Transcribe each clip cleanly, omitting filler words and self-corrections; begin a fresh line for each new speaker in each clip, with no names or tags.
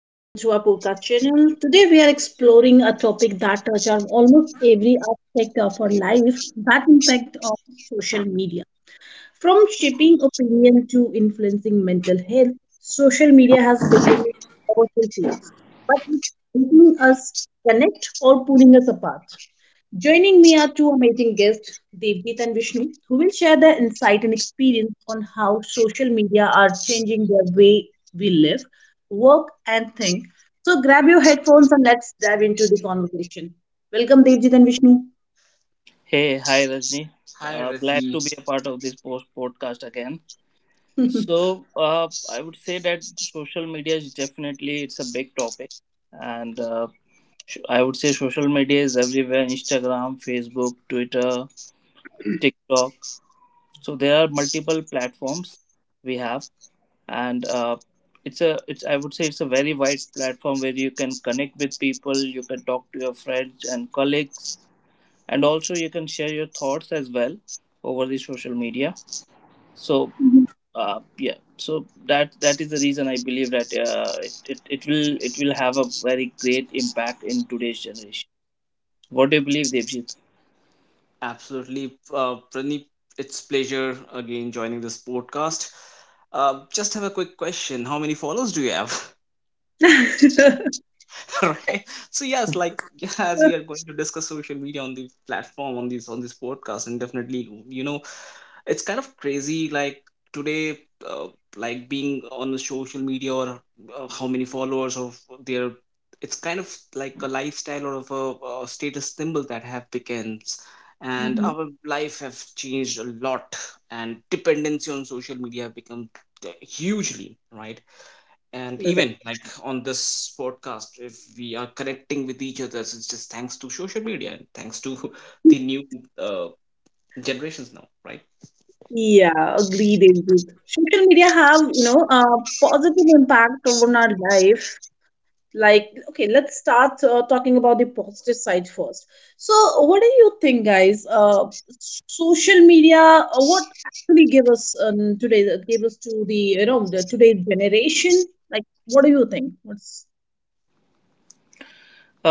Welcome to our podcast channel. Today, we are exploring a topic that touches on almost every aspect of our life, that impact of social media. From shaping opinion to influencing mental health, social media has become a powerful tool, but it's making us connect or pulling us apart. Joining me are two amazing guests, Devjit and Vishnu, who will share their insight and experience on how social media are changing the way we live, work, and think. So grab your headphones and let's dive into the conversation. Welcome, Devjit and Vishnu.
Hey, hi Rajni.
Hi,
Glad
Rajni.
to be a part of this post podcast again. So I would say that social media is definitely it's a big topic, and I would say social media is everywhere: Instagram, Facebook, Twitter, TikTok. So there are multiple platforms we have, and it's a it's I would say it's a very wide platform where you can connect with people, you can talk to your friends and colleagues, and also you can share your thoughts as well over the social media. So uh, yeah so that is the reason I believe that it will have a very great impact in today's generation. What do you believe, Devjit?
Absolutely, Praneep. It's pleasure again joining this podcast. Just have a quick question: How many follows do you have? Right. So yes, like yeah, as we are going to discuss social media on the platform on this podcast, and definitely, you know, it's kind of crazy like today, uh, like being on the social media or how many followers of their, it's kind of like a lifestyle or of a status symbol that have becomes, and
Mhm.
our life have changed a lot, and dependency on social media have become, hugely, right? And
Correct.
even like on this podcast, if we are connecting with each other, it's just thanks to social media, and thanks to the new uh, generations now, right?
Yeah, agree, Devjit. Social media have a positive impact on our life. Like okay, let's start talking about the positive side first. So what do you think, guys? Social media, what actually give us, today gave us to the, the today's generation? Like what do you think, what's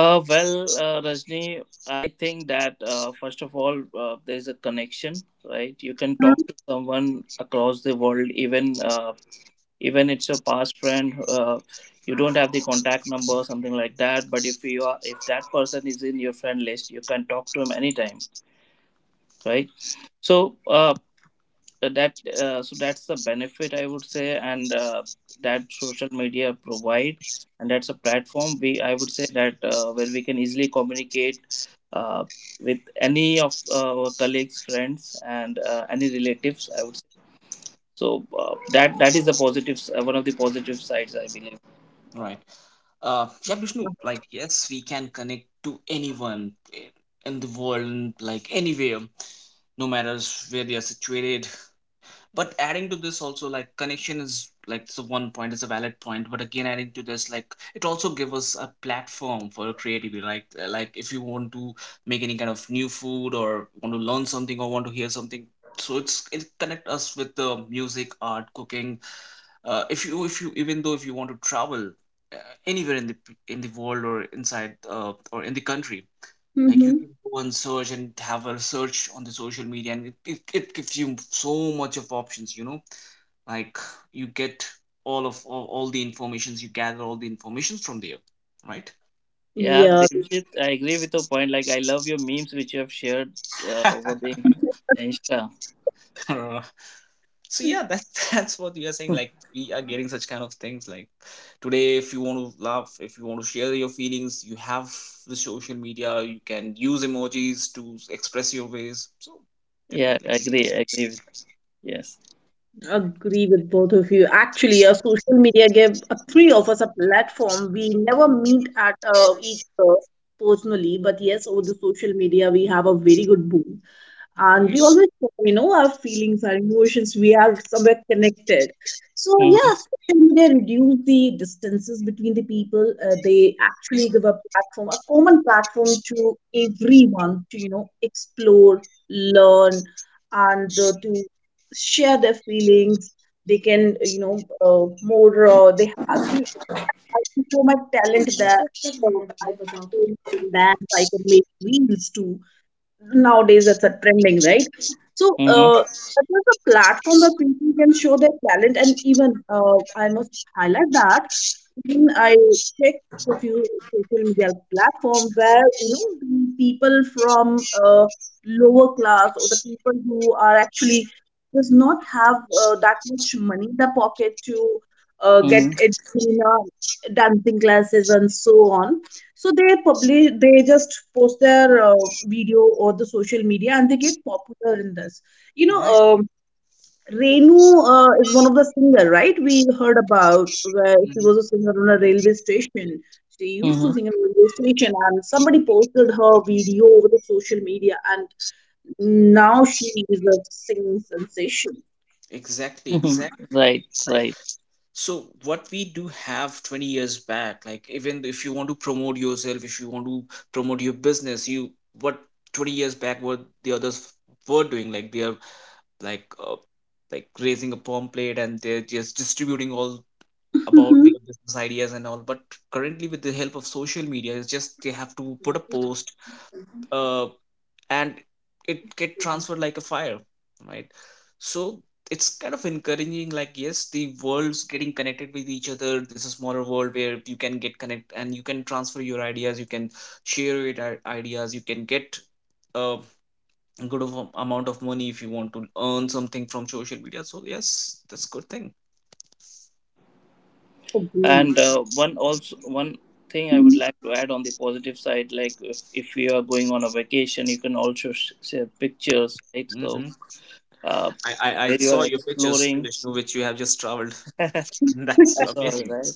well, Rajni, I think that, first of all, there is a connection, right? You can talk to someone across the world, even, even it's your past friend. You don't have the contact number or something like that, but if you are, if that person is in your friend list, you can talk to him anytime, right? So uh, that uh, so that's the benefit, I would say, and that social media provide, and that's a platform we, I would say, that where we can easily communicate, uh, with any of our colleagues, friends, and any relatives, I would say. So that is the positive one of the positive sides, I believe.
Right. Yeah, Vishnu, like, yes, we can connect to anyone in the world, like, anywhere, no matter where they are situated, but adding to this also, like connection is like, it's a one point, it's a valid point. But again, adding to this, like it also give us a platform for creativity. Like if you want to make any kind of new food or want to learn something or want to hear something, so it connect us with the music, art, cooking. If you even though if you want to travel, uh, anywhere in the world or inside, or in the country, like you
mm-hmm.
can go and search and have a search on the social media, and it gives you so much of options, you know. Like you get all the informations, you gather all the informations from there, right?
Yeah,
Yeah,
Devjit, I agree with your point. Like, I love your memes which you have shared, over the Insta.
Uh, so yeah, that's that's what we are saying. Like we are getting such kind of things. Like today, if you want to laugh, if you want to share your feelings, you have the social media. You can use emojis to express your ways. So
Yeah,
definitely,
I agree. I agree with yes.
agree with both of you. Actually social media gave three of us a platform, we never meet at each other personally. But yes, over the social media we have a very good boom, and we
right?
always know, our feelings, our emotions, we are somewhere connected. So yeah,
Mm-hmm.
social media reduce the distances between the people. They
You
actually give a platform, a common platform to everyone to explore, learn, and to share their feelings. They can, more, they have you. I can show my talent, that so I can do dance, I can make reels too. Nowadays, it's a trending, right? So,
Mm-hmm.
that is a platform where people can show their talent, and even I must highlight that even I check a few social media platform where the people from lower class, or the people who are actually does not have that much money in their pocket to get
Mm-hmm.
it in dancing classes and so on. So they just post their video or the social media, and they get popular in this, you
know,
know
right.
um, Renu is one of the singer, right? We heard about where she
Mhm.
was a singer on a railway station. She used to sing in a railway station, and somebody posted her video over the social media, and now she is a singing sensation.
Exactly, exactly.
Mm-hmm. right,
Right.
right.
So what we do have 20 years back, like even if you want to promote yourself, if you want to promote your business, you what 20 years back what the others were doing, like they are like, like raising a pomplate and they're just distributing all about their business ideas and all. But currently, with the help of social media, it's just they have to put a post, uh, and it get transferred like a fire, right? So it's kind of encouraging, like yes, the world's getting connected with each other. There's a smaller world where you can get connect and you can transfer your ideas, you can share your ideas, you can get a good of amount of money if you want to earn something from social media. So yes, that's good thing.
Mhm. Agree.
And one thing I would like to add on the positive side, like, if you are going on a vacation, you can also share pictures, right? So
Hmm.
uh,
I, I
where
i
you
saw
are
your pictures,
exploring.
Vishnu, which you have just traveled. That's
You saw it,
amazing, it's
right?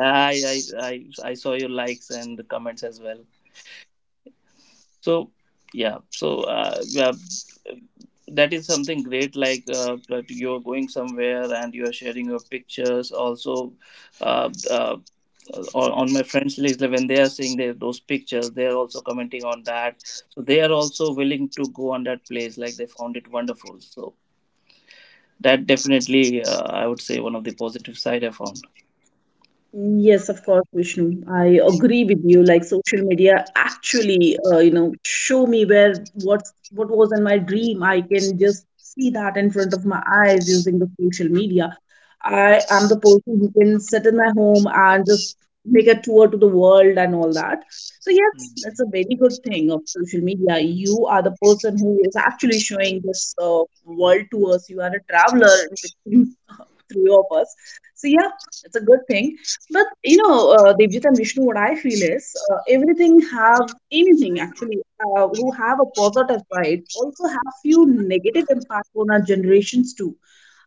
I saw your likes and the comments as well. So yeah, so that is something great. Like, that you're going somewhere and you are sharing your pictures. Also, uh, uh, on my friends list, like, when they are seeing their, those pictures, they are also commenting on that. So they are also willing to go on that place. Like they found it wonderful. So that definitely, I would say, one of the positive side I found.
Yes, of course, Vishnu. I agree with you. Like social media actually, show me where what was in my dream. I can just see that in front of my eyes using the social media. I am the person who can sit in my home and just make a tour to the world and all that. So yes,
great.
that's a very good thing of social media. You are the person who is actually showing this world to us. You are a traveler in between three of us. So yeah, it's a good thing. But you know, Devjit and Vishnu, what I feel is everything have, anything actually who have a positive side also have few negative impact on our generations too.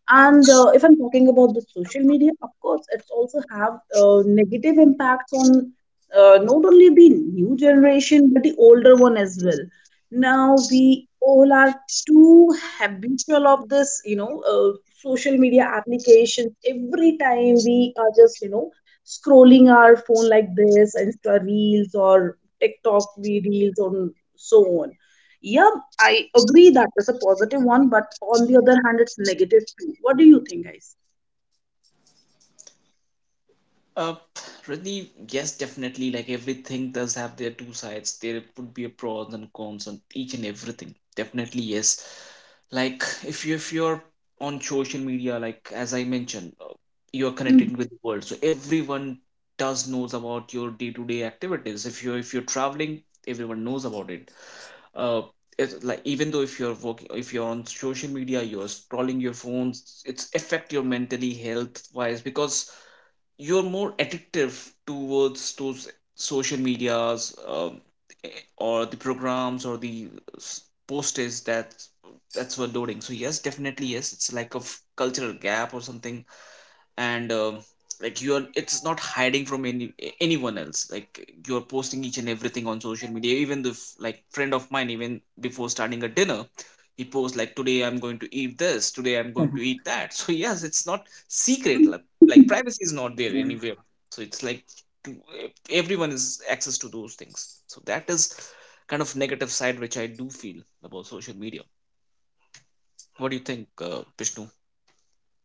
And if I'm talking about the social media, of course, it's also have negative impacts on not only the new generation but the older one as well. Now we all are too habitual of this, social media applications. Every time we are just, scrolling our phone like this, Insta reels or TikTok reels on so on. Yeah, I agree that is a positive one, but on the other hand, it's negative too. What do you think, guys?
Uh, Really, yes, definitely. Like everything does have their two sides. There would be a pros and cons on each and everything. Definitely, yes. Like if you're on social media, like as I mentioned, you're
Hmm.
connecting with the world, so everyone does knows about your day-to-day activities. If you're traveling, everyone knows about it. Uh, it's like even though if you're working, if you're on social media, you're scrolling your phones, it's affect your mentally health wise because you're more addictive towards those social medias, eh, or the programs or the s- posters that that's were loading. So yes, definitely, yes. It's like a cultural gap or something, and like you're, it's not hiding from anyone else. Like you're posting each and everything on social media, even the like friend of mine, even before starting a dinner, he posts like today I'm going to eat this, today I'm going to eat that. So yes, it's not secret, like privacy is not there anywhere. So it's like to, everyone is access to those things. So that is kind of negative side which I do feel about social media. What do you think, Vishnu?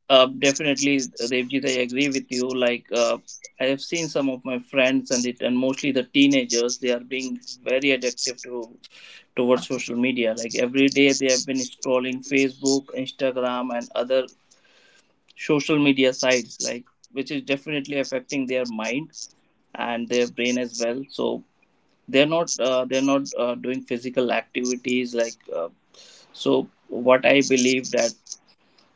Definitely, Devjit, I agree with you. Like, I have seen some of my friends and it, and mostly the teenagers, they are being very addictive to towards social media. Like every day, they have been scrolling Facebook, Instagram, and other social media sites. Like, which is definitely affecting their mind and their brain as well. So they're not doing physical activities, like. So what I believe that.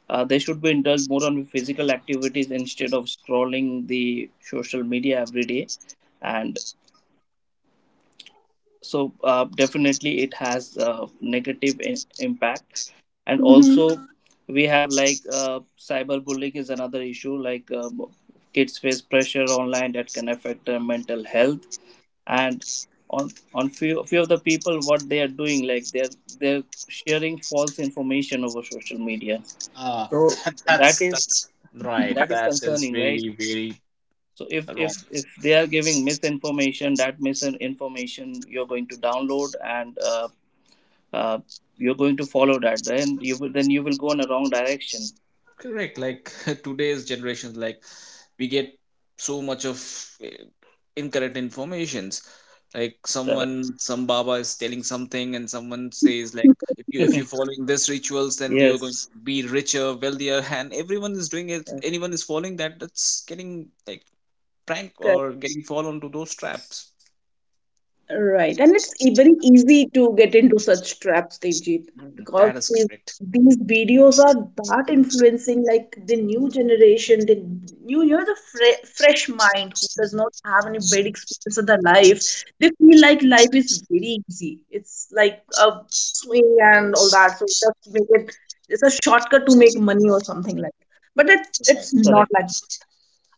They should be indulged more on physical activities instead of scrolling the social media every day. And so, definitely, it has negative impact. And
Mm-hmm.
also, we have, like, cyberbullying is another issue. Like, kids face pressure online that can affect their mental health. And on, on few of the people, what they are doing, like, they're sharing false information over social media.
Ah,
So that is,
that's right.
that is
That is
concerning, right?
very
So if
wrong.
if if they are giving misinformation, that misinformation you're going to download, and uh, you're going to follow that, then you will go in a wrong direction.
Correct. Like today's generations, like we get so much of, eh, incorrect informations. Like
Correct.
someone, some Baba is telling something, and someone says like, if you if you're following this rituals, then you're going
yes.
to be richer, wealthier, and everyone is doing it.
uh,
Anyone is following that. That's getting like prank or getting fall onto those traps.
Right, and it's very easy to get into such traps, Devjit,
Mm,
because
that is
these,
correct.
these videos are that influencing, like the new generation, the new, the fresh mind who does not have any bad experience of their life. They feel like life is very easy. It's like a swing and all that. So just make it, it's a shortcut to make money or something like. But it's
Right.
not like.
Correct.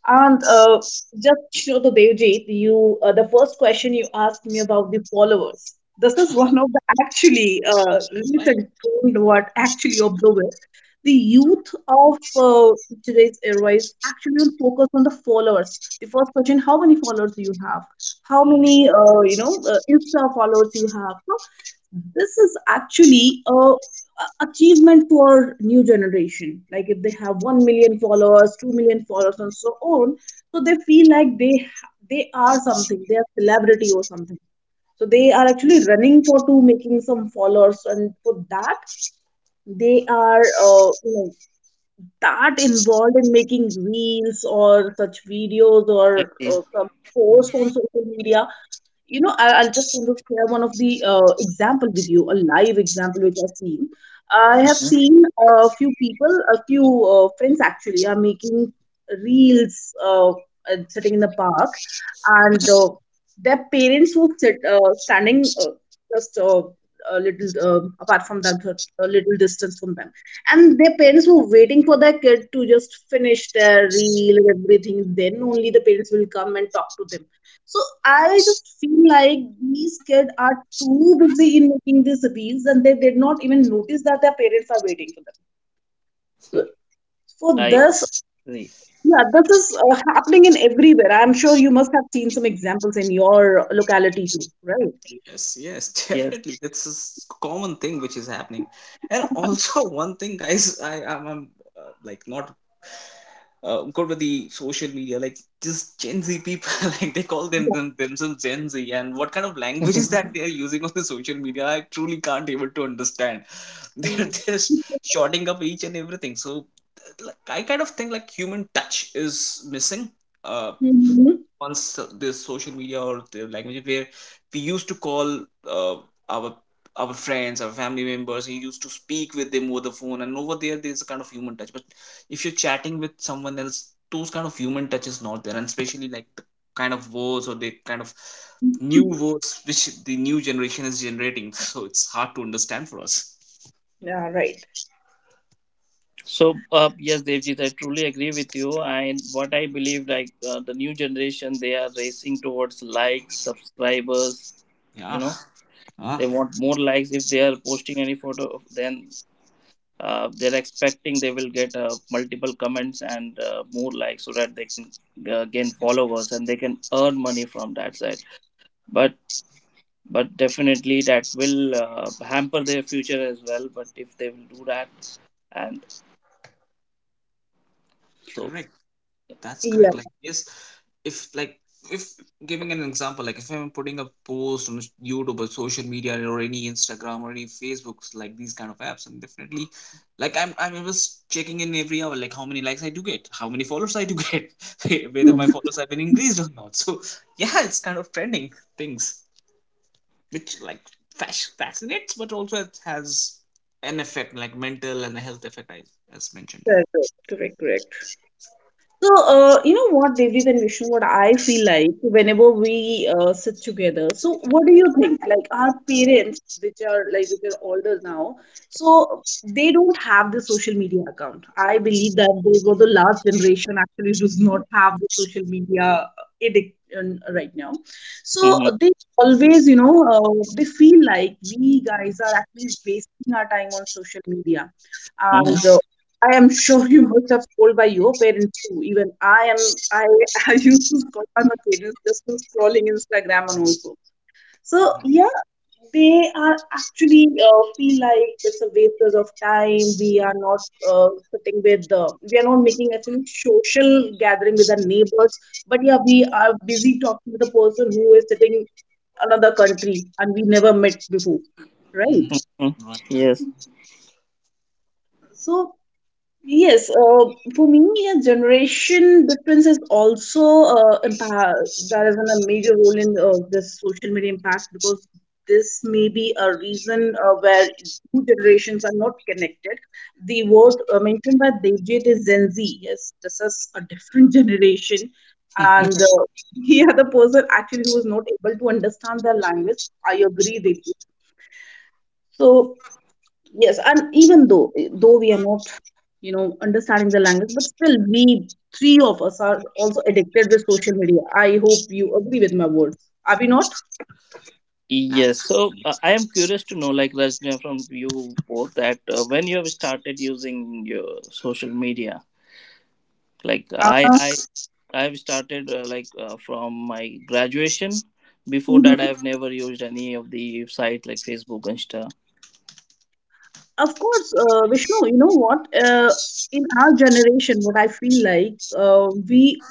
And just show the Devjit, you the first question you asked me about the followers. This is one of the actually
Right.
recent trend, what actually of the is the youth of today's era is actually on focus on the followers. The first question: how many followers do you have? How
Hmm.
many Insta followers you have? So this is actually a achievement for new generation, like if they have 1 million followers, 2 million followers and so on. So they feel like they are something, they are celebrity or something. So they are actually running for to making some followers, and for that they are, uh, you know that involved in making reels or such videos or
Agree.
some
Mm,
posts on social media. You know, I'll just want to share one of the example with you, a live example which I've seen. I have seen a few people, a few friends actually are making reels and sitting in the park, and their parents were standing just a little apart from them, a little distance from them, and their parents were waiting for their kid to just finish their reel and everything, then only the parents will come and talk to them. So I just feel like these kids are too busy in making these reels, and they did not even notice that their parents are waiting for them, so for
I
this.
agree.
Yeah, this is happening in everywhere, I'm sure you must have seen some examples in your locality too, right?
Yes, yes,
Yes.
definitely. It's a common thing which is happening, and also one thing, guys, I am, like not good with the social media. Like just Gen Z people, like they call them themselves Gen Z, and what kind of language is that they are using on the social media? I truly can't able to understand. They're just
Yeah.
shorting up each and everything. So, like I kind of think like human touch is missing. Uh, Once this social media or the language where we used to call uh, our our friends, our family members, we used to speak with them over the phone, and over there there's a kind of human touch. But if you're chatting with someone else, those kind of human touch is not there, and especially like the kind of words or the kind of new
Mhm.
words which the new generation is generating. So it's hard to understand for us.
Yeah, right.
so yes, Devjit, I truly agree with you, and what I believe like, the new generation, they are racing towards likes, subscribers, you
Yeah.
know. They
Ah,
want more likes. If they are posting any photo, then, they're expecting they will get multiple comments and more likes, so that they can gain
yes,
followers and they can earn money from that side. but but definitely that will hamper their future as well, but if they will do that, and so
correct. That's
Yeah,
correct. Like, yes, if like if giving an example, like if I'm putting a post on YouTube or social media or any Instagram or any Facebooks, like these kind of apps, and definitely, like I'm always checking in every hour, like how many likes I do get, how many followers I do get, whether my
Mhm,
followers have been increased or not. So yeah, it's kind of trending things, which like, fascinates, but also it has an effect, like mental and health effect, I as mentioned.
correct, correct, correct. So, you know what, Devjit and Vishnu, what I feel like whenever we sit together. So, what do you think? Like our parents, which are older now, so they don't have the social media account. I believe that they were the last generation actually does not have the social media addiction right now. So
mhm,
they always, they feel like we guys are actually wasting our time on social media. And
mhm,
I am sure you must have scrolled by your parents too. Even I used to scroll by my parents just for scrolling Instagram and also. So
Uh-huh.
yeah, they are actually feel like it's a waste of time. We are not making actually social gathering with our neighbors. But yeah, we are busy talking to the person who is sitting another country, and we never met before, right?
Hmm.
mhm.
Right.
Yes,
So yes, for me, a generation difference is also impact, that is a major role in this social media impact, because this may be a reason where two generations are not connected. The word mentioned by Devjit is Gen Z. Yes, this is a different generation, and he are the person actually who is not able to understand their language. I agree, Devjit. So yes, and even though we are not, understanding the language, but still we three of us are also addicted with social media. I hope you agree with my words. Are we not?
yes. So
Absolutely.
I am curious to know, like, Rajna, from you both that when you have started using your social media. Like
Uh,
I've started, like from my graduation. Before
mhm.
that, I've never used any of the sites like Facebook, Insta.
Of course, Vishnu. You know what? In our generation, what I feel like, we,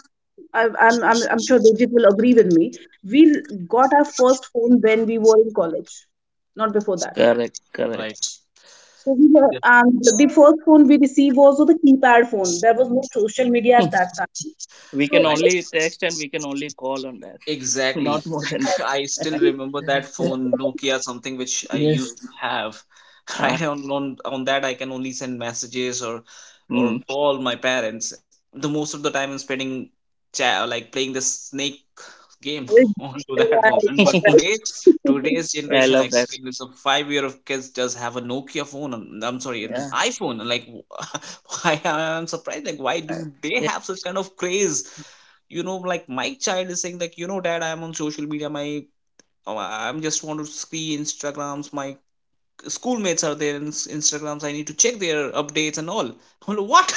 I, I'm sure Digit will agree with me. We got our first phone when we were in college, not before that.
Correct, correct.
Right.
So
Definitely.
the first phone we received was the keypad phone. There was no social media at that time.
We can
So,
Right.
only text and we can only call on that,
Exactly.
not more than that.
I still remember that phone, Nokia, something which I
yes.
used to have.
Uh,
Right. On that, I can only send messages or
mm.
call my parents. The most of the time, I'm spending cha like playing the snake game
it-
onto that phone. And but
right,
yeah,
today,
right.
today's
I
generation, like
love that.
it's a 5-year of kids just have a Nokia phone. And, I'm sorry, an
Yeah.
iPhone. And like, why I'm surprised. Like, why
I-
do they
Yeah.
have such kind of craze? You know, like my child is saying like, you know, dad, I am on social media, my, oh, I'm just want to see Instagrams, my schoolmates are there in Instagrams, I need to check their updates and all. I'm like, what?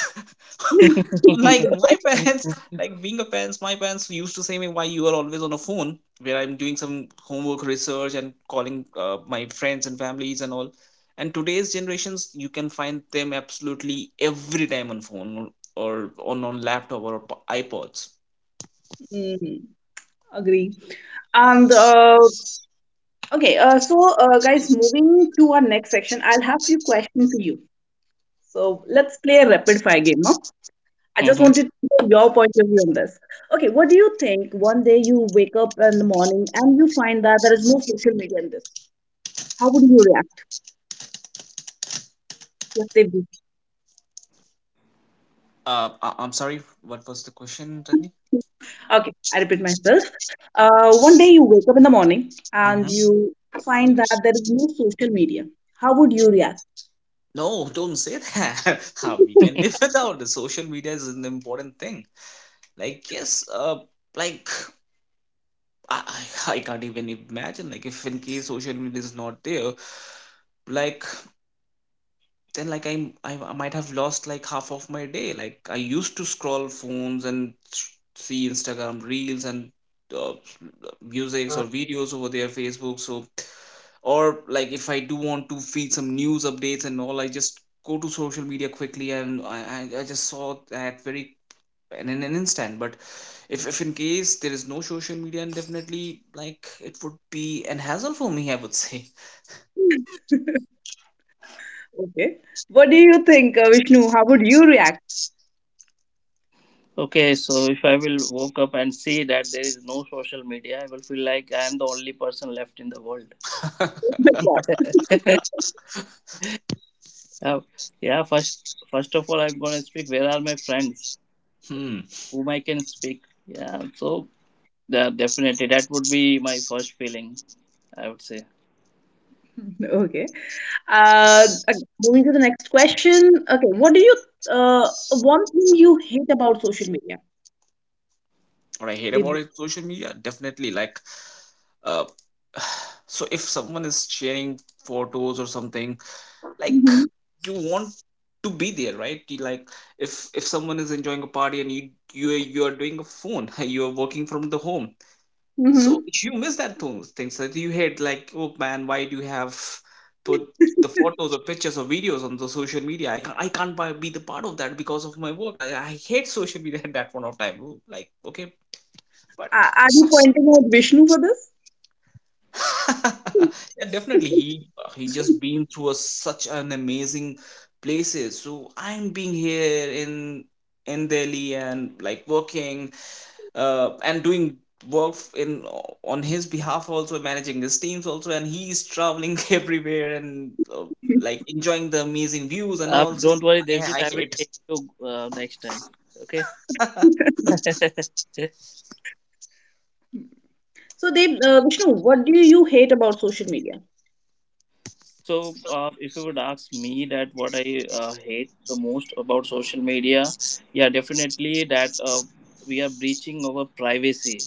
Like my parents, like being a parents, my parents used to say me, why you are always on a phone, where I'm doing some homework, research, and calling my friends and families and all. And today's generations, you can find them absolutely every time on phone or on laptop or iPods.
Mm, agree. And guys, moving to our next section, I'll have few questions for you. So let's play a rapid fire game. Huh? I just
hmm.
wanted to know your point of view on this. Okay, what do you think? One day you wake up in the morning and you find that there is no social media in this. How would you react? Let's say
I'm sorry. What was the question, Rajni?
Okay, I repeat myself. One day you wake up in the morning
Hmm.
and you find that there is no social media. How would you react?
No, don't say that. How we can live without the social media is an important thing. Like yes, like I, I can't even imagine. Like if in case social media is not there, like then like I'm, I might have lost like half of my day. Like I used to scroll phones and see Instagram reels and uh, musics or videos over there, Facebook. So or like if I do want to feed some news updates and all, I just go to social media quickly, and I just saw that very in an instant. But if in case there is no social media, and definitely like it would be an hassle for me, I would say.
Okay. What do you think, Vishnu? How would you react?
Okay, so if I will woke up and see that there is no social media, I will feel like I am the only person left in the world.
Oh my
Yeah, yeah. First, first of all, I'm gonna speak. Where are my friends?
Hmm.
Whom I can speak? Yeah. So, yeah, definitely, that would be my first feeling. I would say.
God. Okay. Moving to the next question. Okay. One thing you hate about social media?
What I hate
They,
about it, social media, definitely like, Uh, so if someone is sharing photos or something, like
hmm
you want to be there, right? You, like if someone is enjoying a party, and you, you are doing a phone, you are working from the home, so
hmm
you miss that things, things that you hate. Like, oh man, why do you have put the photos or pictures or videos on the social media? I can't be the part of that because of my work. I hate social media at that point of time. Like okay,
Are,
but.
are you pointing out Vishnu for this?
Yeah, definitely. He, just been through a, such an amazing places. So I'm being here in Delhi and like working, and doing work f- in on his behalf, also managing his teams also, and he's traveling everywhere, and like enjoying the amazing views and also,
Don't worry,
yeah,
Devjit.
I
I will
hate.
take you, next time. Okay.
So, Vishnu, what do you hate about social media?
So, if you would ask me that what I hate the most about social media, yeah, definitely that we are breaching our privacy,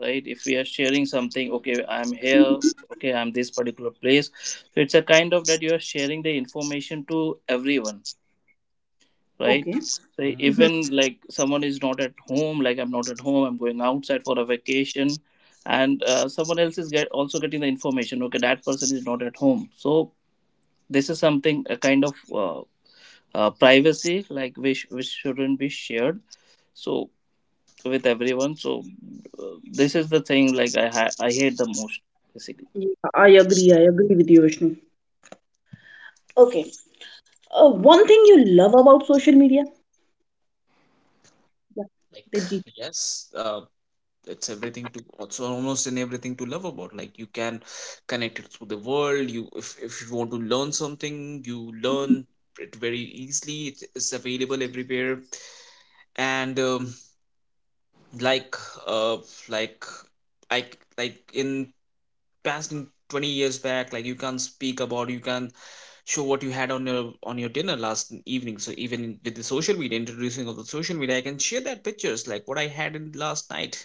right? If we are sharing something, okay, I'm here, okay, I'm this particular place. So it's a kind of that you are sharing the information to everyone, right?
Okay.
So
Mhm.
even like someone is not at home, like I'm not at home, I'm going outside for a vacation, and someone else is get also getting the information. Okay, that person is not at home, so this is something a kind of privacy, like, which shouldn't be shared, so with everyone. So, this is the thing like I hate the most, basically.
Yeah, I agree. I agree with you, Vishnu. Okay. One thing you love about social media? Yeah,
Like
Devjit.
yes, it's everything to, it's almost in everything to love about. Like you can connect it through the world, you, if you want to learn something, you learn it very easily, it is available everywhere. And like uh like i c- in past, in 20 years back, like you can't speak about, you can show what you had on your dinner last evening. So even with the social media, introducing of the social media, I can share that pictures like what I had in last night.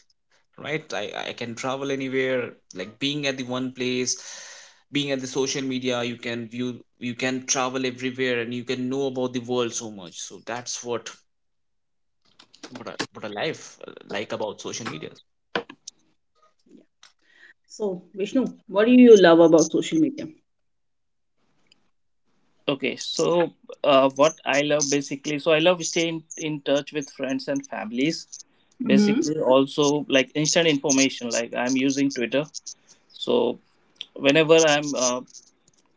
Right. I can travel anywhere, like being at the one place, being at the social media you can view, you can travel everywhere and you can know about the world so much. So that's what, what a life, like about social media.
So, Vishnu, what do you love about social media?
Okay, so what I love basically, so I love staying in touch with friends and families.
Hmm.
Basically also like instant information, like I'm using Twitter. So whenever I'm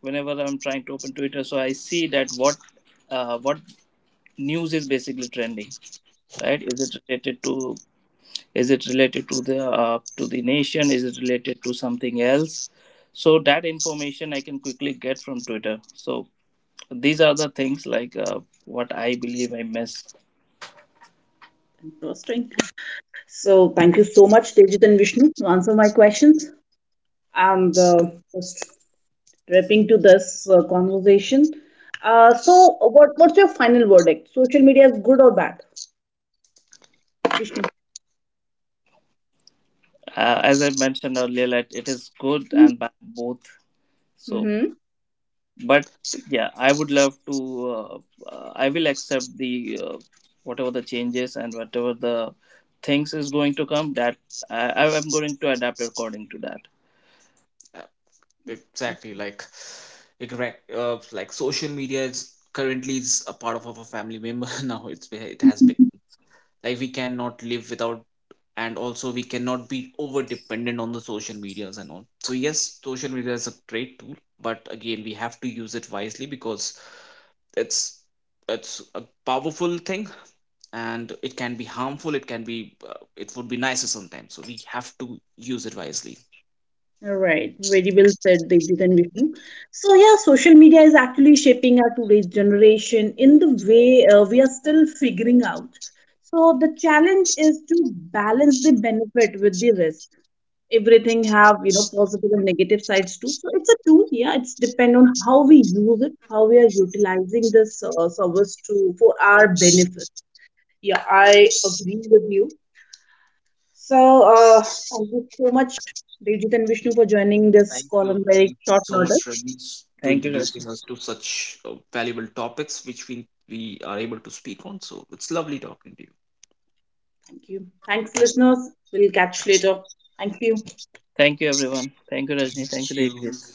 whenever I'm trying to open Twitter, so I see that what, what news is basically trending, right? Is it related to, is it related to the nation, is it related to something else? So that information I can quickly get from Twitter. So these are the things like, what I believe I miss.
Interesting. So, thank you so much, Devjit and Vishnu, to answer my questions. And just wrapping to this conversation. So, what's your final verdict? Social media is good or bad? Vishnu.
As I mentioned earlier, that it is good and bad both. So
Mm-hmm.
but yeah, I would love to, uh, I will accept the uh, whatever the changes and whatever the things is going to come, that I'm going to adapt according to that.
Exactly, like social media is currently is a part of our family member. Now it has been like we cannot live without, and also we cannot be over dependent on the social medias and all. So yes, social media is a great tool, but again we have to use it wisely because it's it's a powerful thing, and it can be harmful, it can be, it would be nicer sometimes, so we have to use it wisely.
Right, very well said, Devjit and Vishnu. So yeah, social media is actually shaping our today's generation in the way we are still figuring out. So the challenge is to balance the benefit with the risk. Everything have, positive and negative sides too. So it's a tool. Yeah, it's depend on how we use it, how we are utilizing this service to for our benefit. Yeah, I agree with you. So, thank you so much, Devjit and Vishnu, for joining this
thank
call
you
on very
thank you
short
so
notice.
much, Rajneesh, to
Thank you, Rashmi.
introducing us to such valuable topics which we are able to speak on. So it's lovely talking to you.
Thank you. Thanks, listeners. We'll catch you later. Thank you.
Thank you, everyone. Thank you, Rajni. Thank
Thank
you,
you.
Deepti.